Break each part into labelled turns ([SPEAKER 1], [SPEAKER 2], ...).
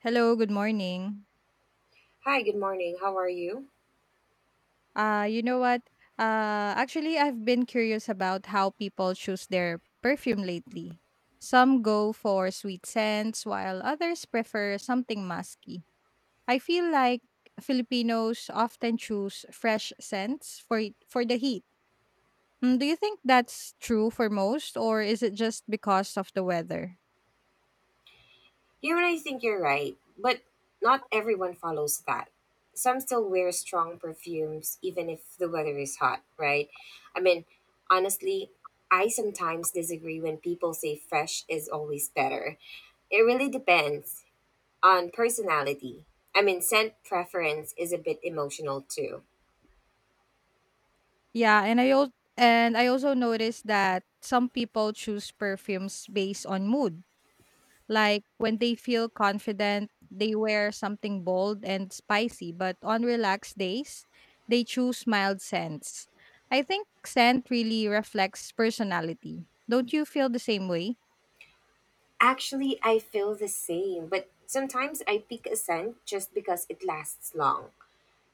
[SPEAKER 1] Hello, good morning.
[SPEAKER 2] Hi, good morning. How are you?
[SPEAKER 1] You know what? Actually, I've been curious about how people choose their perfume lately. Some go for sweet scents, while others prefer something musky. I feel like Filipinos often choose fresh scents for the heat. Mm, do you think that's true for most, or is it just because of the weather?
[SPEAKER 2] You and I think you're right, but not everyone follows that. Some still wear strong perfumes even if the weather is hot, right? I mean, honestly, I sometimes disagree when people say fresh is always better. It really depends on personality. I mean, scent preference is a bit emotional too.
[SPEAKER 1] Yeah, and I also noticed that some people choose perfumes based on mood. Like when they feel confident, they wear something bold and spicy, but on relaxed days, they choose mild scents. I think scent really reflects personality. Don't you feel the same way?
[SPEAKER 2] Actually, I feel the same, but sometimes I pick a scent just because it lasts long.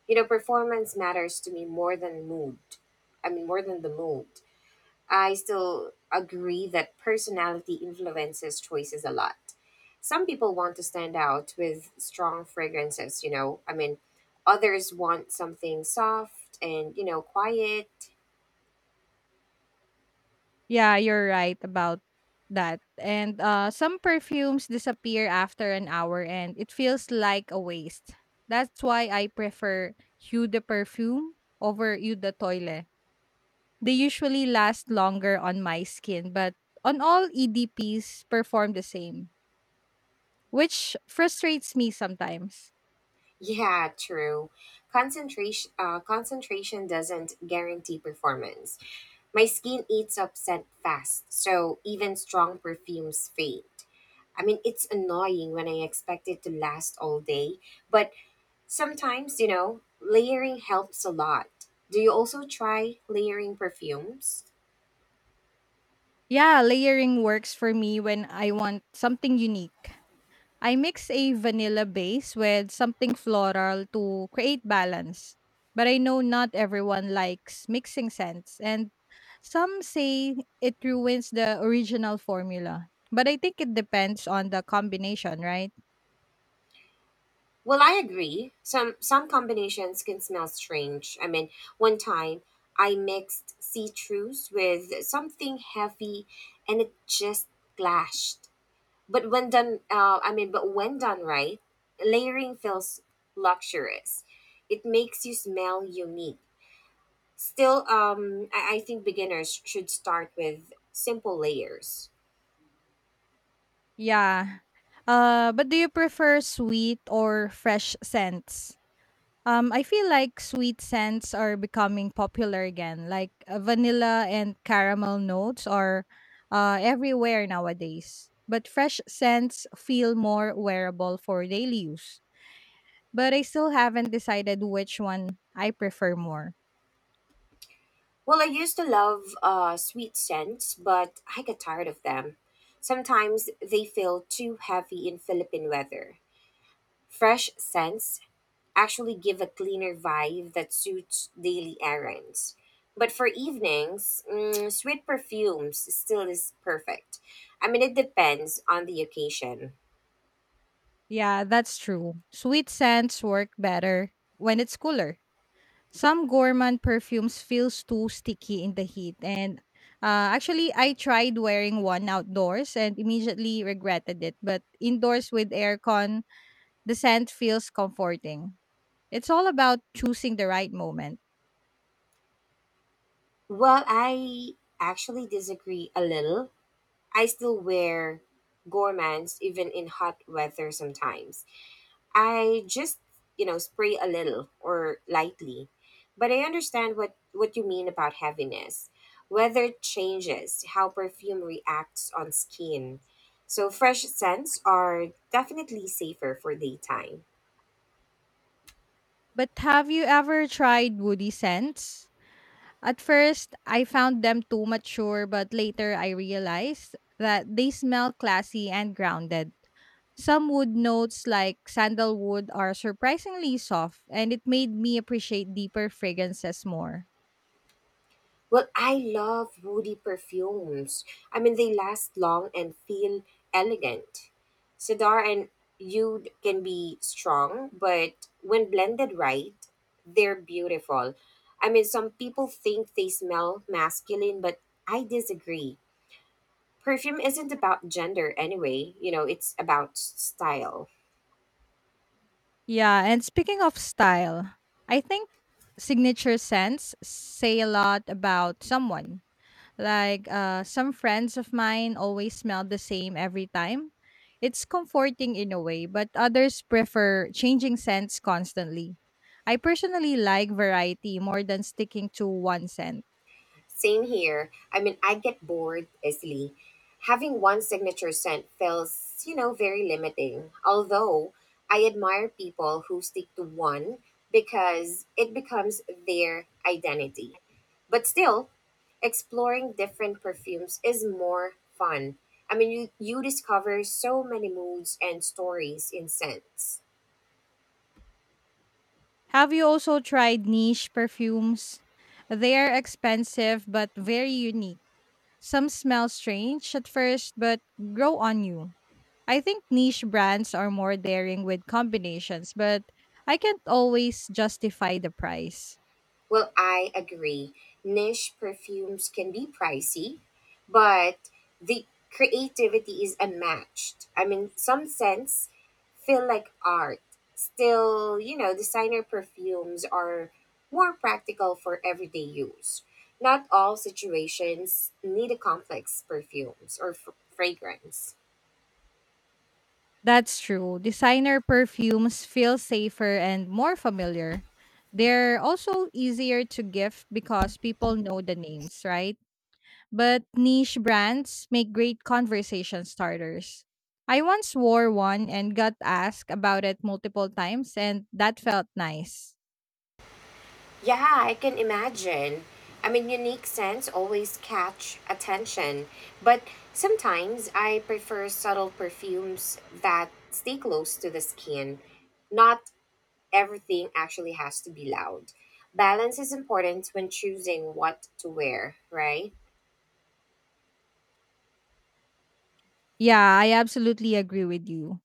[SPEAKER 2] You know, performance matters to me more than mood. More than the mood, I still agree that personality influences choices a lot. Some people want to stand out with strong fragrances, you know, others want something soft and, you know, quiet.
[SPEAKER 1] Yeah, you're right about that. And some perfumes disappear after an hour and it feels like a waste. That's why I prefer Eau de Perfume over Eau de Toile. They usually last longer on my skin, but on all EDPs perform the same, which frustrates me sometimes.
[SPEAKER 2] Yeah, true. Concentration doesn't guarantee performance. My skin eats up scent fast, so even strong perfumes fade. I mean, it's annoying when I expect it to last all day, but sometimes, you know, layering helps a lot. Do you also try layering perfumes?
[SPEAKER 1] Yeah, layering works for me when I want something unique. I mix a vanilla base with something floral to create balance. But I know not everyone likes mixing scents, and some say it ruins the original formula. But I think it depends on the combination, right?
[SPEAKER 2] Well, I agree. Some combinations can smell strange. I mean, one time I mixed citrus with something heavy and it just clashed. But when done right, layering feels luxurious. It makes you smell unique. Still, I think beginners should start with simple layers.
[SPEAKER 1] Yeah. But do you prefer sweet or fresh scents? I feel like sweet scents are becoming popular again, like vanilla and caramel notes are everywhere nowadays. But fresh scents feel more wearable for daily use. But I still haven't decided which one I prefer more.
[SPEAKER 2] Well, I used to love sweet scents, but I got tired of them. Sometimes they feel too heavy in Philippine weather. Fresh scents actually give a cleaner vibe that suits daily errands. But for evenings, sweet perfumes still is perfect. I mean, it depends on the occasion.
[SPEAKER 1] Yeah, that's true. Sweet scents work better when it's cooler. Some gourmand perfumes feels too sticky in the heat and actually I tried wearing one outdoors and immediately regretted it, but indoors with aircon, the scent feels comforting. It's all about choosing the right moment.
[SPEAKER 2] Well, I actually disagree a little. I still wear gourmands even in hot weather sometimes. I just, you know, spray a little or lightly. But I understand what you mean about heaviness. Weather changes how perfume reacts on skin. So fresh scents are definitely safer for daytime.
[SPEAKER 1] But have you ever tried woody scents? At first, I found them too mature, but later I realized that they smell classy and grounded. Some wood notes like sandalwood are surprisingly soft, and it made me appreciate deeper fragrances more.
[SPEAKER 2] Well, I love woody perfumes. I mean, they last long and feel elegant. Cedar and oud can be strong, but when blended right, they're beautiful. I mean, some people think they smell masculine, but I disagree. Perfume isn't about gender anyway, you know, it's about style.
[SPEAKER 1] Yeah, and speaking of style, I think signature scents say a lot about someone. Like some friends of mine always smell the same every time. It's comforting in a way, but others prefer changing scents constantly. I personally like variety more than sticking to one scent.
[SPEAKER 2] Same here. I mean, I get bored easily. Having one signature scent feels, you know, very limiting. Although I admire people who stick to one because it becomes their identity. But still, exploring different perfumes is more fun. I mean, you discover so many moods and stories in scents.
[SPEAKER 1] Have you also tried niche perfumes? They are expensive but very unique. Some smell strange at first but grow on you. I think niche brands are more daring with combinations, but I can't always justify the price.
[SPEAKER 2] Well, I agree. Niche perfumes can be pricey, but the creativity is unmatched. I mean, some scents feel like art. Still, you know, designer perfumes are more practical for everyday use. Not all situations need a complex perfumes or fragrance.
[SPEAKER 1] That's true. Designer perfumes feel safer and more familiar. They're also easier to gift because people know the names, right? But niche brands make great conversation starters. I once wore one and got asked about it multiple times, and that felt nice.
[SPEAKER 2] Yeah, I can imagine. I mean, unique scents always catch attention, but sometimes I prefer subtle perfumes that stay close to the skin. Not everything actually has to be loud. Balance is important when choosing what to wear, right?
[SPEAKER 1] Yeah, I absolutely agree with you.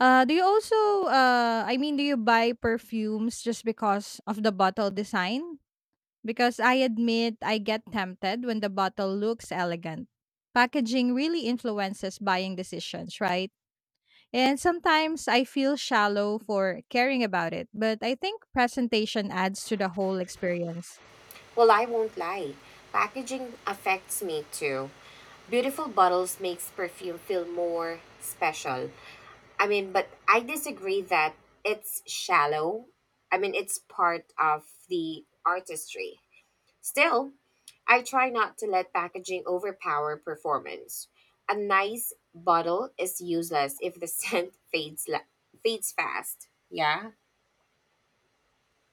[SPEAKER 1] Uh, do you also, I mean, do you buy perfumes just because of the bottle design? Because I admit I get tempted when the bottle looks elegant. Packaging really influences buying decisions, right? And sometimes I feel shallow for caring about it, but I think presentation adds to the whole experience.
[SPEAKER 2] Well, I won't lie. Packaging affects me too. Beautiful bottles makes perfume feel more special. I mean, but I disagree that it's shallow. I mean, it's part of the artistry. Still, I try not to let packaging overpower performance. A nice bottle is useless if the scent fades fast. Yeah.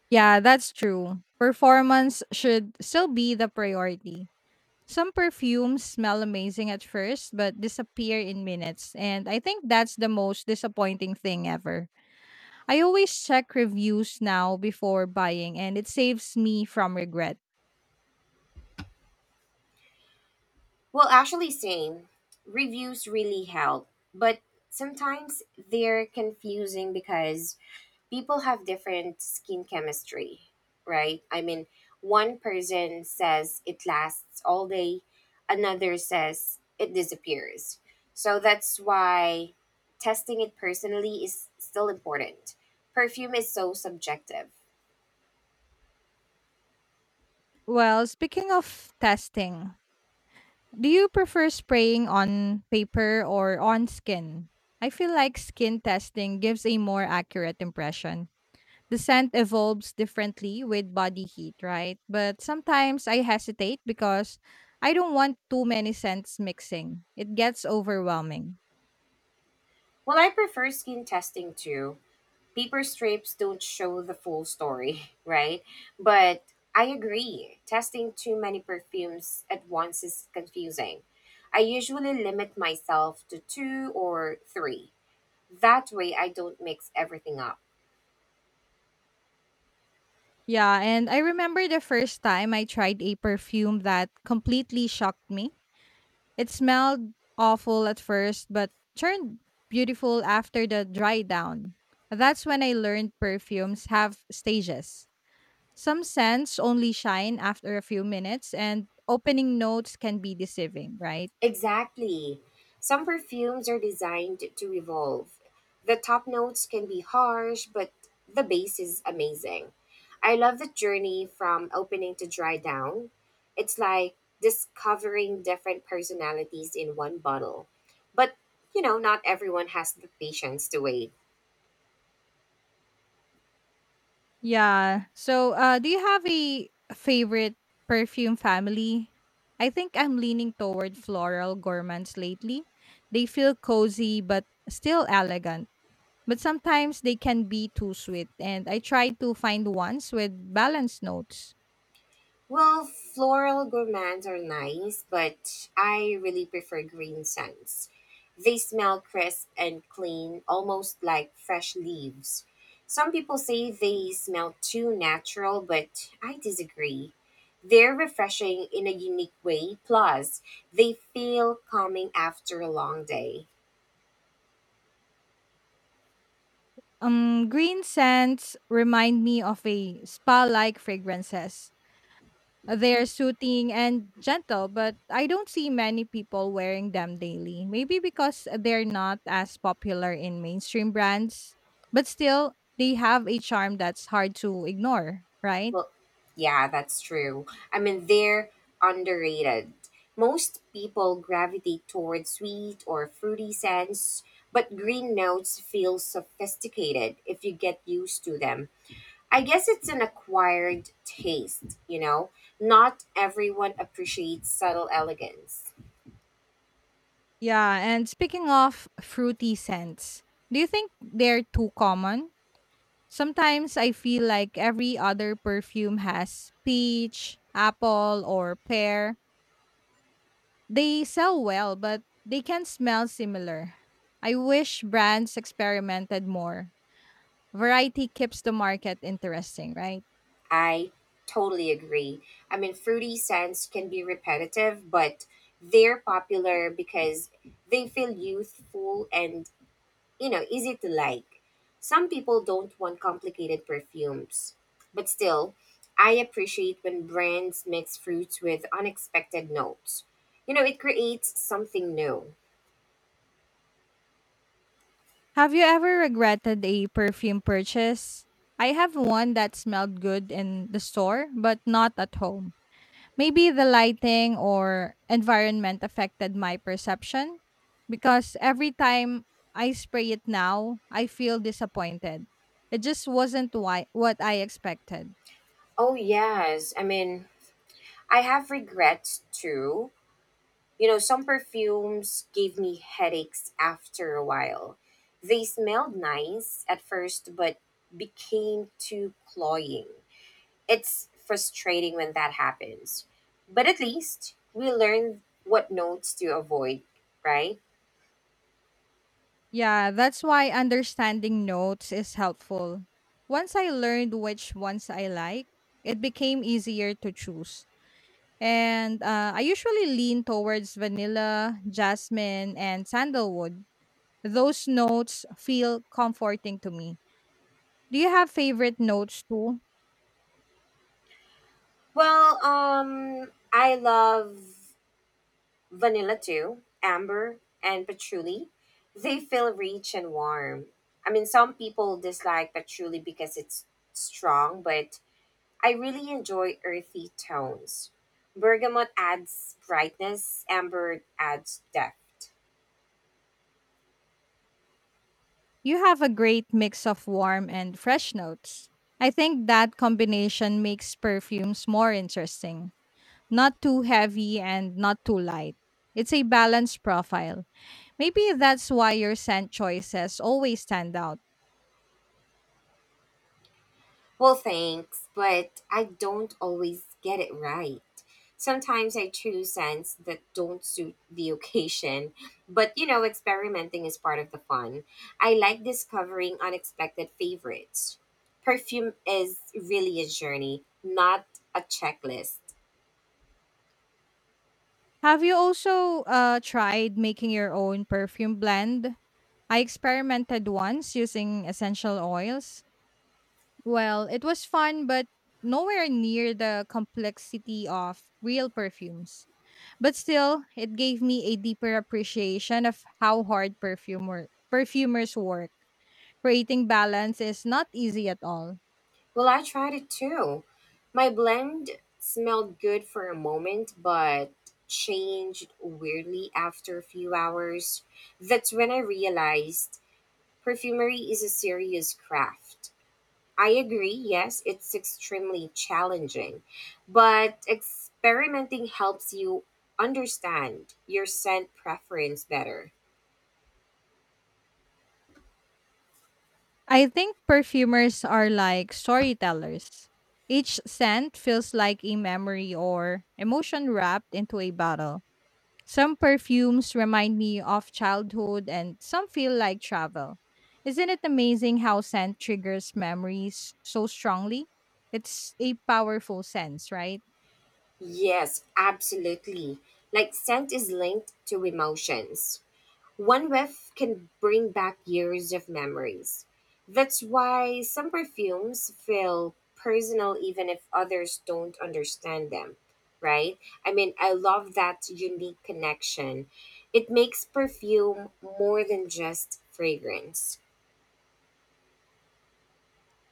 [SPEAKER 1] Yeah, that's true. Performance should still be the priority. Some perfumes smell amazing at first, but disappear in minutes. And I think that's the most disappointing thing ever. I always check reviews now before buying, and it saves me from regret.
[SPEAKER 2] Well, actually, same. Reviews really help, but sometimes they're confusing because people have different skin chemistry, right? I mean, one person says it lasts all day, another says it disappears. So that's why testing it personally is still important. Perfume is so subjective.
[SPEAKER 1] Well, speaking of testing, do you prefer spraying on paper or on skin? I feel like skin testing gives a more accurate impression. The scent evolves differently with body heat, right? But sometimes I hesitate because I don't want too many scents mixing. It gets overwhelming.
[SPEAKER 2] Well, I prefer skin testing too, paper strips don't show the full story, right? But I agree, testing too many perfumes at once is confusing. I usually limit myself to two or three. That way, I don't mix everything up.
[SPEAKER 1] Yeah, and I remember the first time I tried a perfume that completely shocked me. It smelled awful at first, but turned beautiful after the dry down. That's when I learned perfumes have stages. Some scents only shine after a few minutes, and opening notes can be deceiving, right?
[SPEAKER 2] Exactly. Some perfumes are designed to revolve. The top notes can be harsh, but the base is amazing. I love the journey from opening to dry down. It's like discovering different personalities in one bottle. But, you know, not everyone has the patience to wait.
[SPEAKER 1] Yeah. So, do you have a favorite perfume family? I think I'm leaning toward floral gourmands lately. They feel cozy but still elegant, but sometimes they can be too sweet. And I try to find ones with balanced notes.
[SPEAKER 2] Well, floral gourmands are nice, but I really prefer green scents. They smell crisp and clean, almost like fresh leaves. Some people say they smell too natural, but I disagree. They're refreshing in a unique way, plus, they feel calming after a long day.
[SPEAKER 1] Green scents remind me of a spa-like fragrances. They are soothing and gentle, but I don't see many people wearing them daily. Maybe because they're not as popular in mainstream brands, but still, they have a charm that's hard to ignore, right?
[SPEAKER 2] Well, yeah, that's true. I mean, they're underrated. Most people gravitate towards sweet or fruity scents, but green notes feel sophisticated if you get used to them. I guess it's an acquired taste, you know? Not everyone appreciates subtle elegance.
[SPEAKER 1] Yeah, and speaking of fruity scents, do you think they're too common? Sometimes I feel like every other perfume has peach, apple, or pear. They sell well, but they can smell similar. I wish brands experimented more. Variety keeps the market interesting, right?
[SPEAKER 2] I totally agree. I mean, fruity scents can be repetitive, but they're popular because they feel youthful and, you know, easy to like. Some people don't want complicated perfumes. But still, I appreciate when brands mix fruits with unexpected notes. You know, it creates something new.
[SPEAKER 1] Have you ever regretted a perfume purchase? I have one that smelled good in the store, but not at home. Maybe the lighting or environment affected my perception because every time I spray it now, I feel disappointed. It just wasn't what I expected.
[SPEAKER 2] Oh, yes. I mean, I have regrets too. You know, some perfumes gave me headaches after a while. They smelled nice at first, but became too cloying. It's frustrating when that happens. But at least we learn what notes to avoid, right?
[SPEAKER 1] Yeah, that's why understanding notes is helpful. Once I learned which ones I like, it became easier to choose. And I usually lean towards vanilla, jasmine, and sandalwood. Those notes feel comforting to me. Do you have favorite notes too?
[SPEAKER 2] Well, I love vanilla too, amber and patchouli. They feel rich and warm. I mean, some people dislike patchouli because it's strong, but I really enjoy earthy tones. Bergamot adds brightness, amber adds depth.
[SPEAKER 1] You have a great mix of warm and fresh notes. I think that combination makes perfumes more interesting. Not too heavy and not too light. It's a balanced profile. Maybe that's why your scent choices always stand out.
[SPEAKER 2] Well, thanks, but I don't always get it right. Sometimes I choose scents that don't suit the occasion, but you know, experimenting is part of the fun. I like discovering unexpected favorites. Perfume is really a journey, not a checklist.
[SPEAKER 1] Have you also tried making your own perfume blend? I experimented once using essential oils. Well, it was fun, but nowhere near the complexity of real perfumes. But still, it gave me a deeper appreciation of how hard perfumers work. Creating balance is not easy at all.
[SPEAKER 2] Well, I tried it too. My blend smelled good for a moment, but changed weirdly after a few hours. That's when I realized perfumery is a serious craft. I agree, yes, it's extremely challenging, but experimenting helps you understand your scent preference better.
[SPEAKER 1] I think perfumers are like storytellers. Each scent feels like a memory or emotion wrapped into a bottle. Some perfumes remind me of childhood and some feel like travel. Isn't it amazing how scent triggers memories so strongly? It's a powerful sense, right?
[SPEAKER 2] Yes, absolutely. Like scent is linked to emotions. One whiff can bring back years of memories. That's why some perfumes feel personal even if others don't understand them, right? I mean, I love that unique connection. It makes perfume more than just fragrance.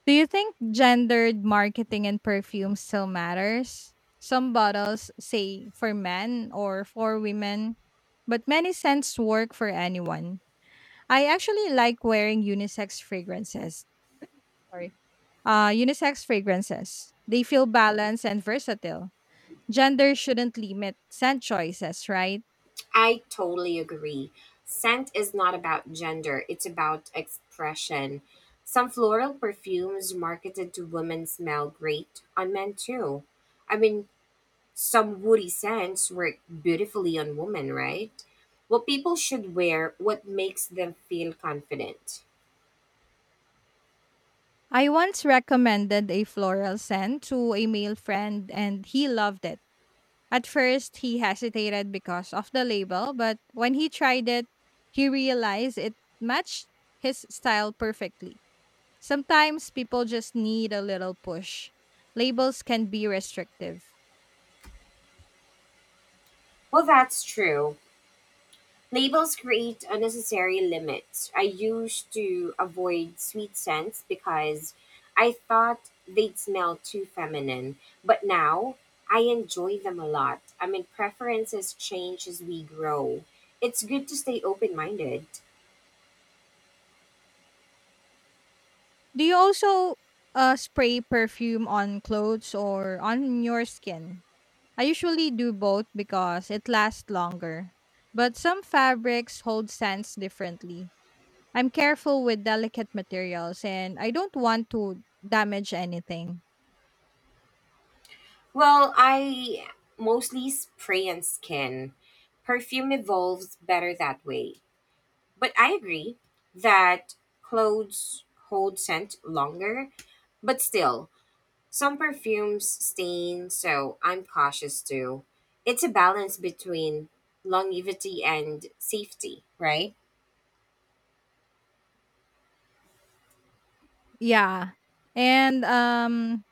[SPEAKER 1] Do you think gendered marketing in perfume still matters? Some bottles say for men or for women, but many scents work for anyone. I actually like wearing unisex fragrances. Sorry. Unisex fragrances. They feel balanced and versatile. Gender shouldn't limit scent choices, right?
[SPEAKER 2] I totally agree. Scent is not about gender, it's about expression. Some floral perfumes marketed to women smell great on men too. I mean, some woody scents work beautifully on women, right? Well, people should wear what makes them feel confident.
[SPEAKER 1] I once recommended a floral scent to a male friend and he loved it. At first, he hesitated because of the label, but when he tried it, he realized it matched his style perfectly. Sometimes people just need a little push. Labels can be restrictive.
[SPEAKER 2] Well, that's true. Labels create unnecessary limits. I used to avoid sweet scents because I thought they'd smell too feminine, but now I enjoy them a lot. I mean, preferences change as we grow. It's good to stay open minded.
[SPEAKER 1] Do you also spray perfume on clothes or on your skin? I usually do both because it lasts longer. But some fabrics hold scents differently. I'm careful with delicate materials and I don't want to damage anything.
[SPEAKER 2] Well, I mostly spray and skin. Perfume evolves better that way. But I agree that clothes hold scent longer. But still, some perfumes stain, so I'm cautious too. It's a balance between longevity and safety, right?
[SPEAKER 1] Yeah. And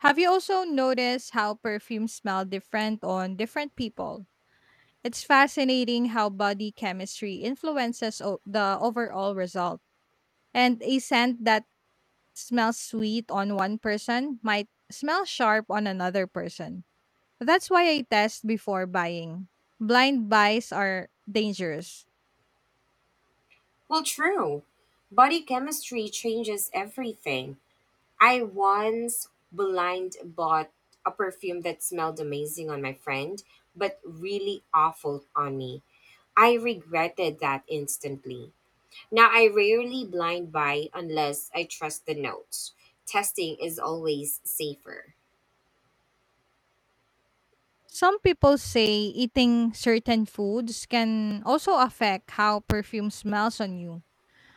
[SPEAKER 1] have you also noticed how perfumes smell different on different people? It's fascinating how body chemistry influences the overall result. And a scent that smells sweet on one person might smell sharp on another person. That's why I test before buying. Blind buys are dangerous.
[SPEAKER 2] Well, true. Body chemistry changes everything. I once blind bought a perfume that smelled amazing on my friend, but really awful on me. I regretted that instantly. Now I rarely blind buy unless I trust the notes. Testing is always safer.
[SPEAKER 1] Some people say eating certain foods can also affect how perfume smells on you.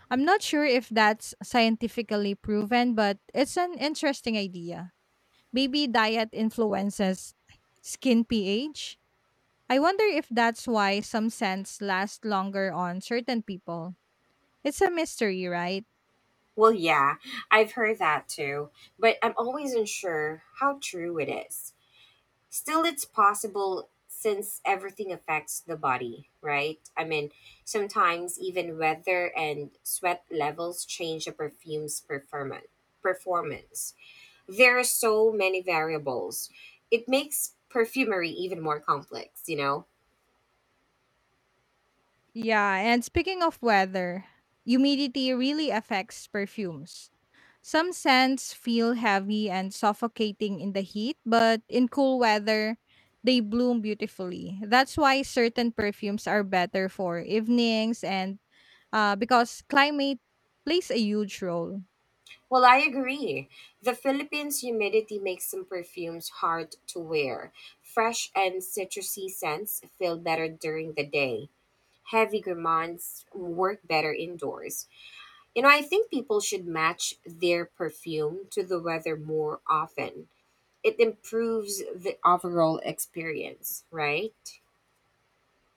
[SPEAKER 1] I'm not sure if that's scientifically proven, but it's an interesting idea. Maybe diet influences skin pH. I wonder if that's why some scents last longer on certain people. It's a mystery, right?
[SPEAKER 2] Well, yeah, I've heard that too, but I'm always unsure how true it is. Still, it's possible since everything affects the body, right? I mean, sometimes even weather and sweat levels change a perfume's performance. There are so many variables. It makes perfumery even more complex, you know.
[SPEAKER 1] Yeah, and speaking of weather, humidity really affects perfumes. Some scents feel heavy and suffocating in the heat, but in cool weather, they bloom beautifully. That's why certain perfumes are better for evenings and because climate plays a huge role.
[SPEAKER 2] Well, I agree, the Philippines humidity makes some perfumes hard to wear. Fresh and citrusy scents feel better during the day. Heavy gourmands work better indoors. You know, I think people should match their perfume to the weather more often. It improves the overall experience, right?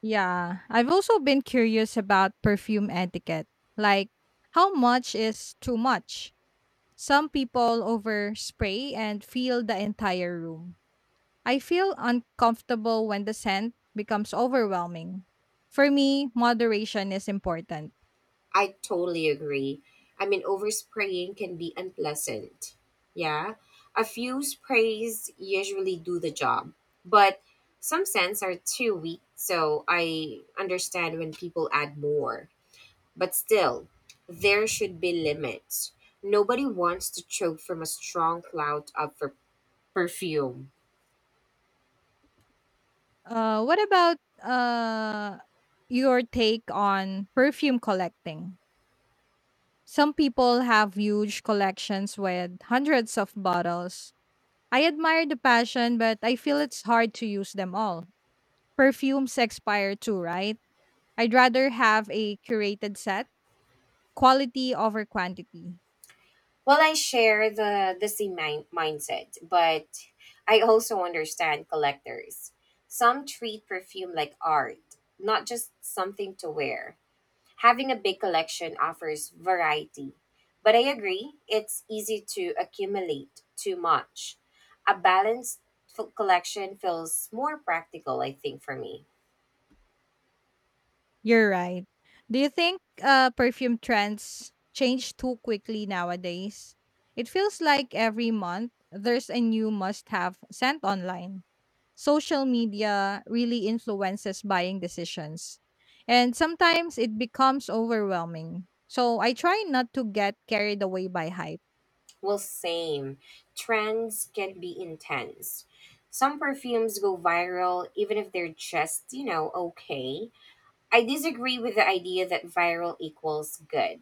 [SPEAKER 1] Yeah, I've also been curious about perfume etiquette. Like, how much is too much? Some people overspray and fill the entire room. I feel uncomfortable when the scent becomes overwhelming. For me, moderation is important.
[SPEAKER 2] I totally agree. I mean, overspraying can be unpleasant. Yeah. A few sprays usually do the job, but some scents are too weak, so I understand when people add more. But still, there should be limits. Nobody wants to choke from a strong cloud of perfume.
[SPEAKER 1] What about your take on perfume collecting? Some people have huge collections with hundreds of bottles. I admire the passion, but I feel it's hard to use them all. Perfumes expire too, right? I'd rather have a curated set, quality over quantity.
[SPEAKER 2] Well, I share the mindset, but I also understand collectors. Some treat perfume like art, not just something to wear. Having a big collection offers variety, but I agree it's easy to accumulate too much. A balanced collection feels more practical, I think, for me.
[SPEAKER 1] You're right. Do you think perfume trends change too quickly nowadays? It feels like every month there's a new must have scent online. Social media really influences buying decisions, and sometimes it becomes overwhelming. So I try not to get carried away by hype.
[SPEAKER 2] Well, same. Trends can be intense. Some perfumes go viral even if they're just, you know, okay. I disagree with the idea that viral equals good.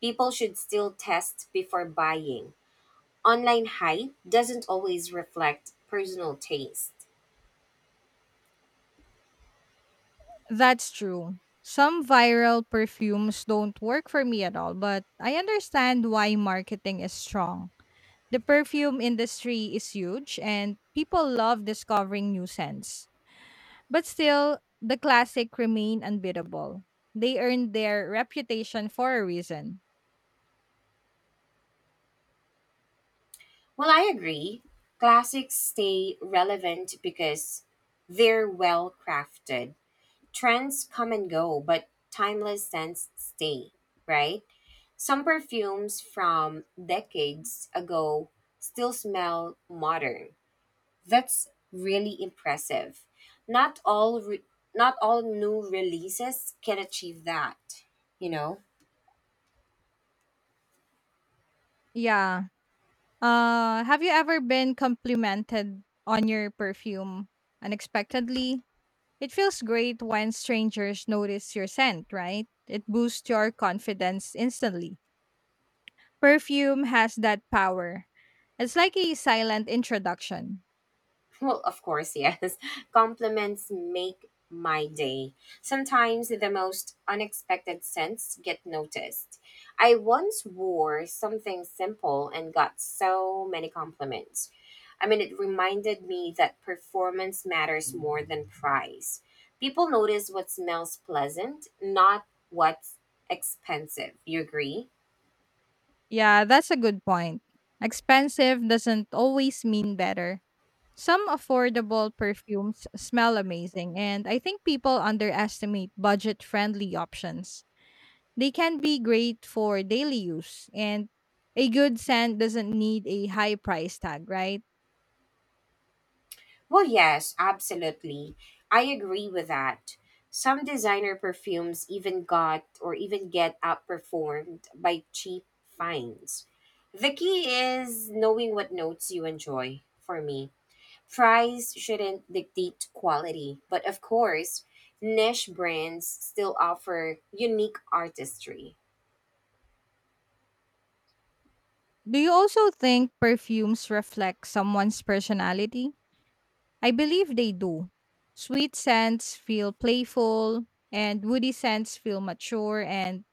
[SPEAKER 2] People should still test before buying. Online hype doesn't always reflect personal taste.
[SPEAKER 1] That's true. Some viral perfumes don't work for me at all, but I understand why marketing is strong. The perfume industry is huge and people love discovering new scents. But still, the classic remain unbeatable. They earned their reputation for a reason.
[SPEAKER 2] Well, I agree. Classics stay relevant because they're well crafted. Trends come and go, but timeless scents stay, right? Some perfumes from decades ago still smell modern. That's really impressive. Not all re- Not all new releases can achieve that, you know.
[SPEAKER 1] Yeah. Have you ever been complimented on your perfume unexpectedly? It feels great when strangers notice your scent, right? It boosts your confidence instantly. Perfume has that power. It's like a silent introduction.
[SPEAKER 2] Well, of course, yes. Compliments make my day. Sometimes the most unexpected scents get noticed. I once wore something simple and got so many compliments. I mean, it reminded me that performance matters more than price. People notice what smells pleasant, not what's expensive. You agree?
[SPEAKER 1] Yeah, that's a good point. Expensive doesn't always mean better. Some affordable perfumes smell amazing, and I think people underestimate budget friendly options. They can be great for daily use, and a good scent doesn't need a high price tag, right?
[SPEAKER 2] Well, yes, absolutely. I agree with that. Some designer perfumes even got or even get outperformed by cheap finds. The key is knowing what notes you enjoy for me. Price shouldn't dictate quality, but of course, niche brands still offer unique artistry.
[SPEAKER 1] Do you also think perfumes reflect someone's personality? I believe they do. Sweet scents feel playful, and woody scents feel mature and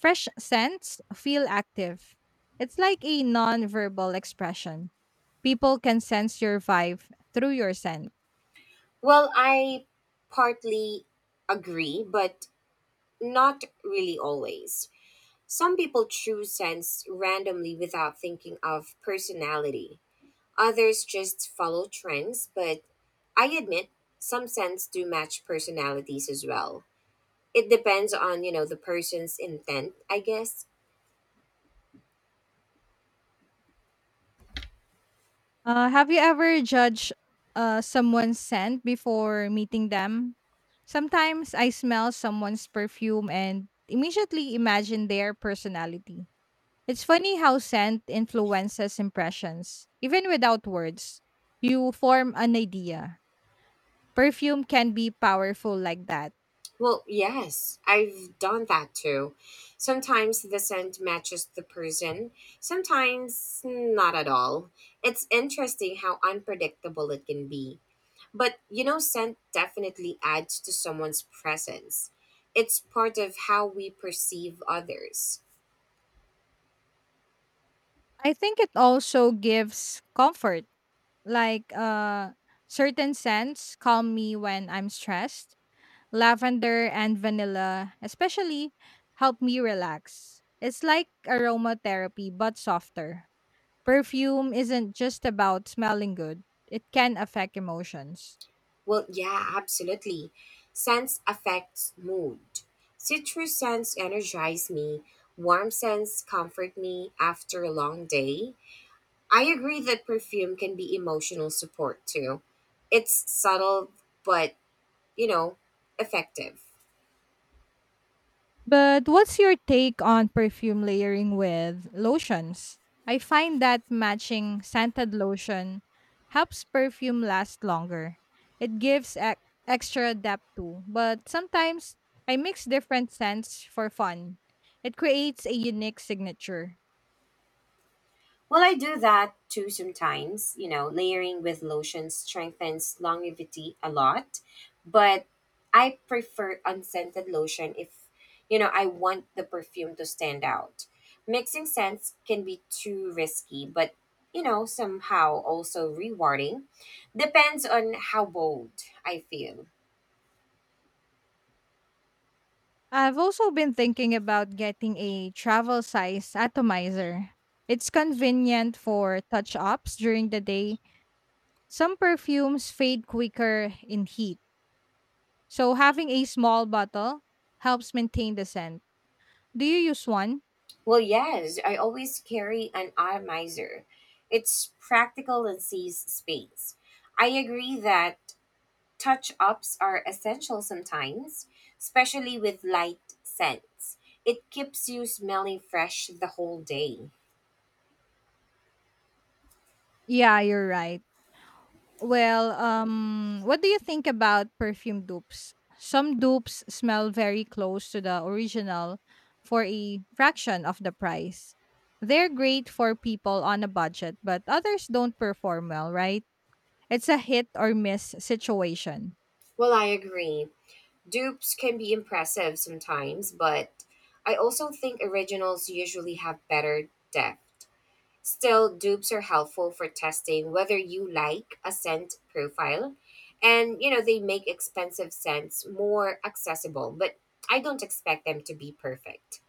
[SPEAKER 1] fresh scents feel active. It's like a non-verbal expression. People can sense your vibe through your scent.
[SPEAKER 2] Well, I partly agree, but not really always. Some people choose scents randomly without thinking of personality. Others just follow trends, but I admit some scents do match personalities as well. It depends on, you know, the person's intent, I guess.
[SPEAKER 1] Have you ever judged someone's scent before meeting them? Sometimes I smell someone's perfume and immediately imagine their personality. It's funny how scent influences impressions, even without words. You form an idea. Perfume can be powerful like that.
[SPEAKER 2] Well, yes, I've done that too. Sometimes the scent matches the person, sometimes not at all. It's interesting how unpredictable it can be. But you know, scent definitely adds to someone's presence. It's part of how we perceive others.
[SPEAKER 1] I think it also gives comfort, like certain scents calm me when I'm stressed. Lavender and vanilla, especially, help me relax. It's like aromatherapy, but softer. Perfume isn't just about smelling good, it can affect emotions.
[SPEAKER 2] Well, yeah, absolutely. Scents affects mood. Citrus scents energize me. Warm scents comfort me after a long day. I agree that perfume can be emotional support too. It's subtle, but you know, effective.
[SPEAKER 1] But what's your take on perfume layering with lotions? I find that matching scented lotion helps perfume last longer. It gives extra depth too, but sometimes I mix different scents for fun. It creates a unique signature.
[SPEAKER 2] Well, I do that too sometimes. You know, layering with lotion strengthens longevity a lot, but I prefer unscented lotion if, you know, I want the perfume to stand out. Mixing scents can be too risky, but, you know, somehow also rewarding. Depends on how bold I feel.
[SPEAKER 1] I've also been thinking about getting a travel size atomizer. It's convenient for touch ups during the day. Some perfumes fade quicker in heat, so having a small bottle helps maintain the scent. Do you use one?
[SPEAKER 2] Well, yes, I always carry an atomizer. It's practical and saves space. I agree that touch ups are essential sometimes, especially with light scents. It keeps you smelling fresh the whole day.
[SPEAKER 1] Yeah, you're right. Well, what do you think about perfume dupes? Some dupes smell very close to the original for a fraction of the price. They're great for people on a budget, but others don't perform well, right? It's a hit or miss situation.
[SPEAKER 2] Well, I agree. Dupes can be impressive sometimes, but I also think originals usually have better depth. Still, dupes are helpful for testing whether you like a scent profile. And, you know, they make expensive scents more accessible, but I don't expect them to be perfect.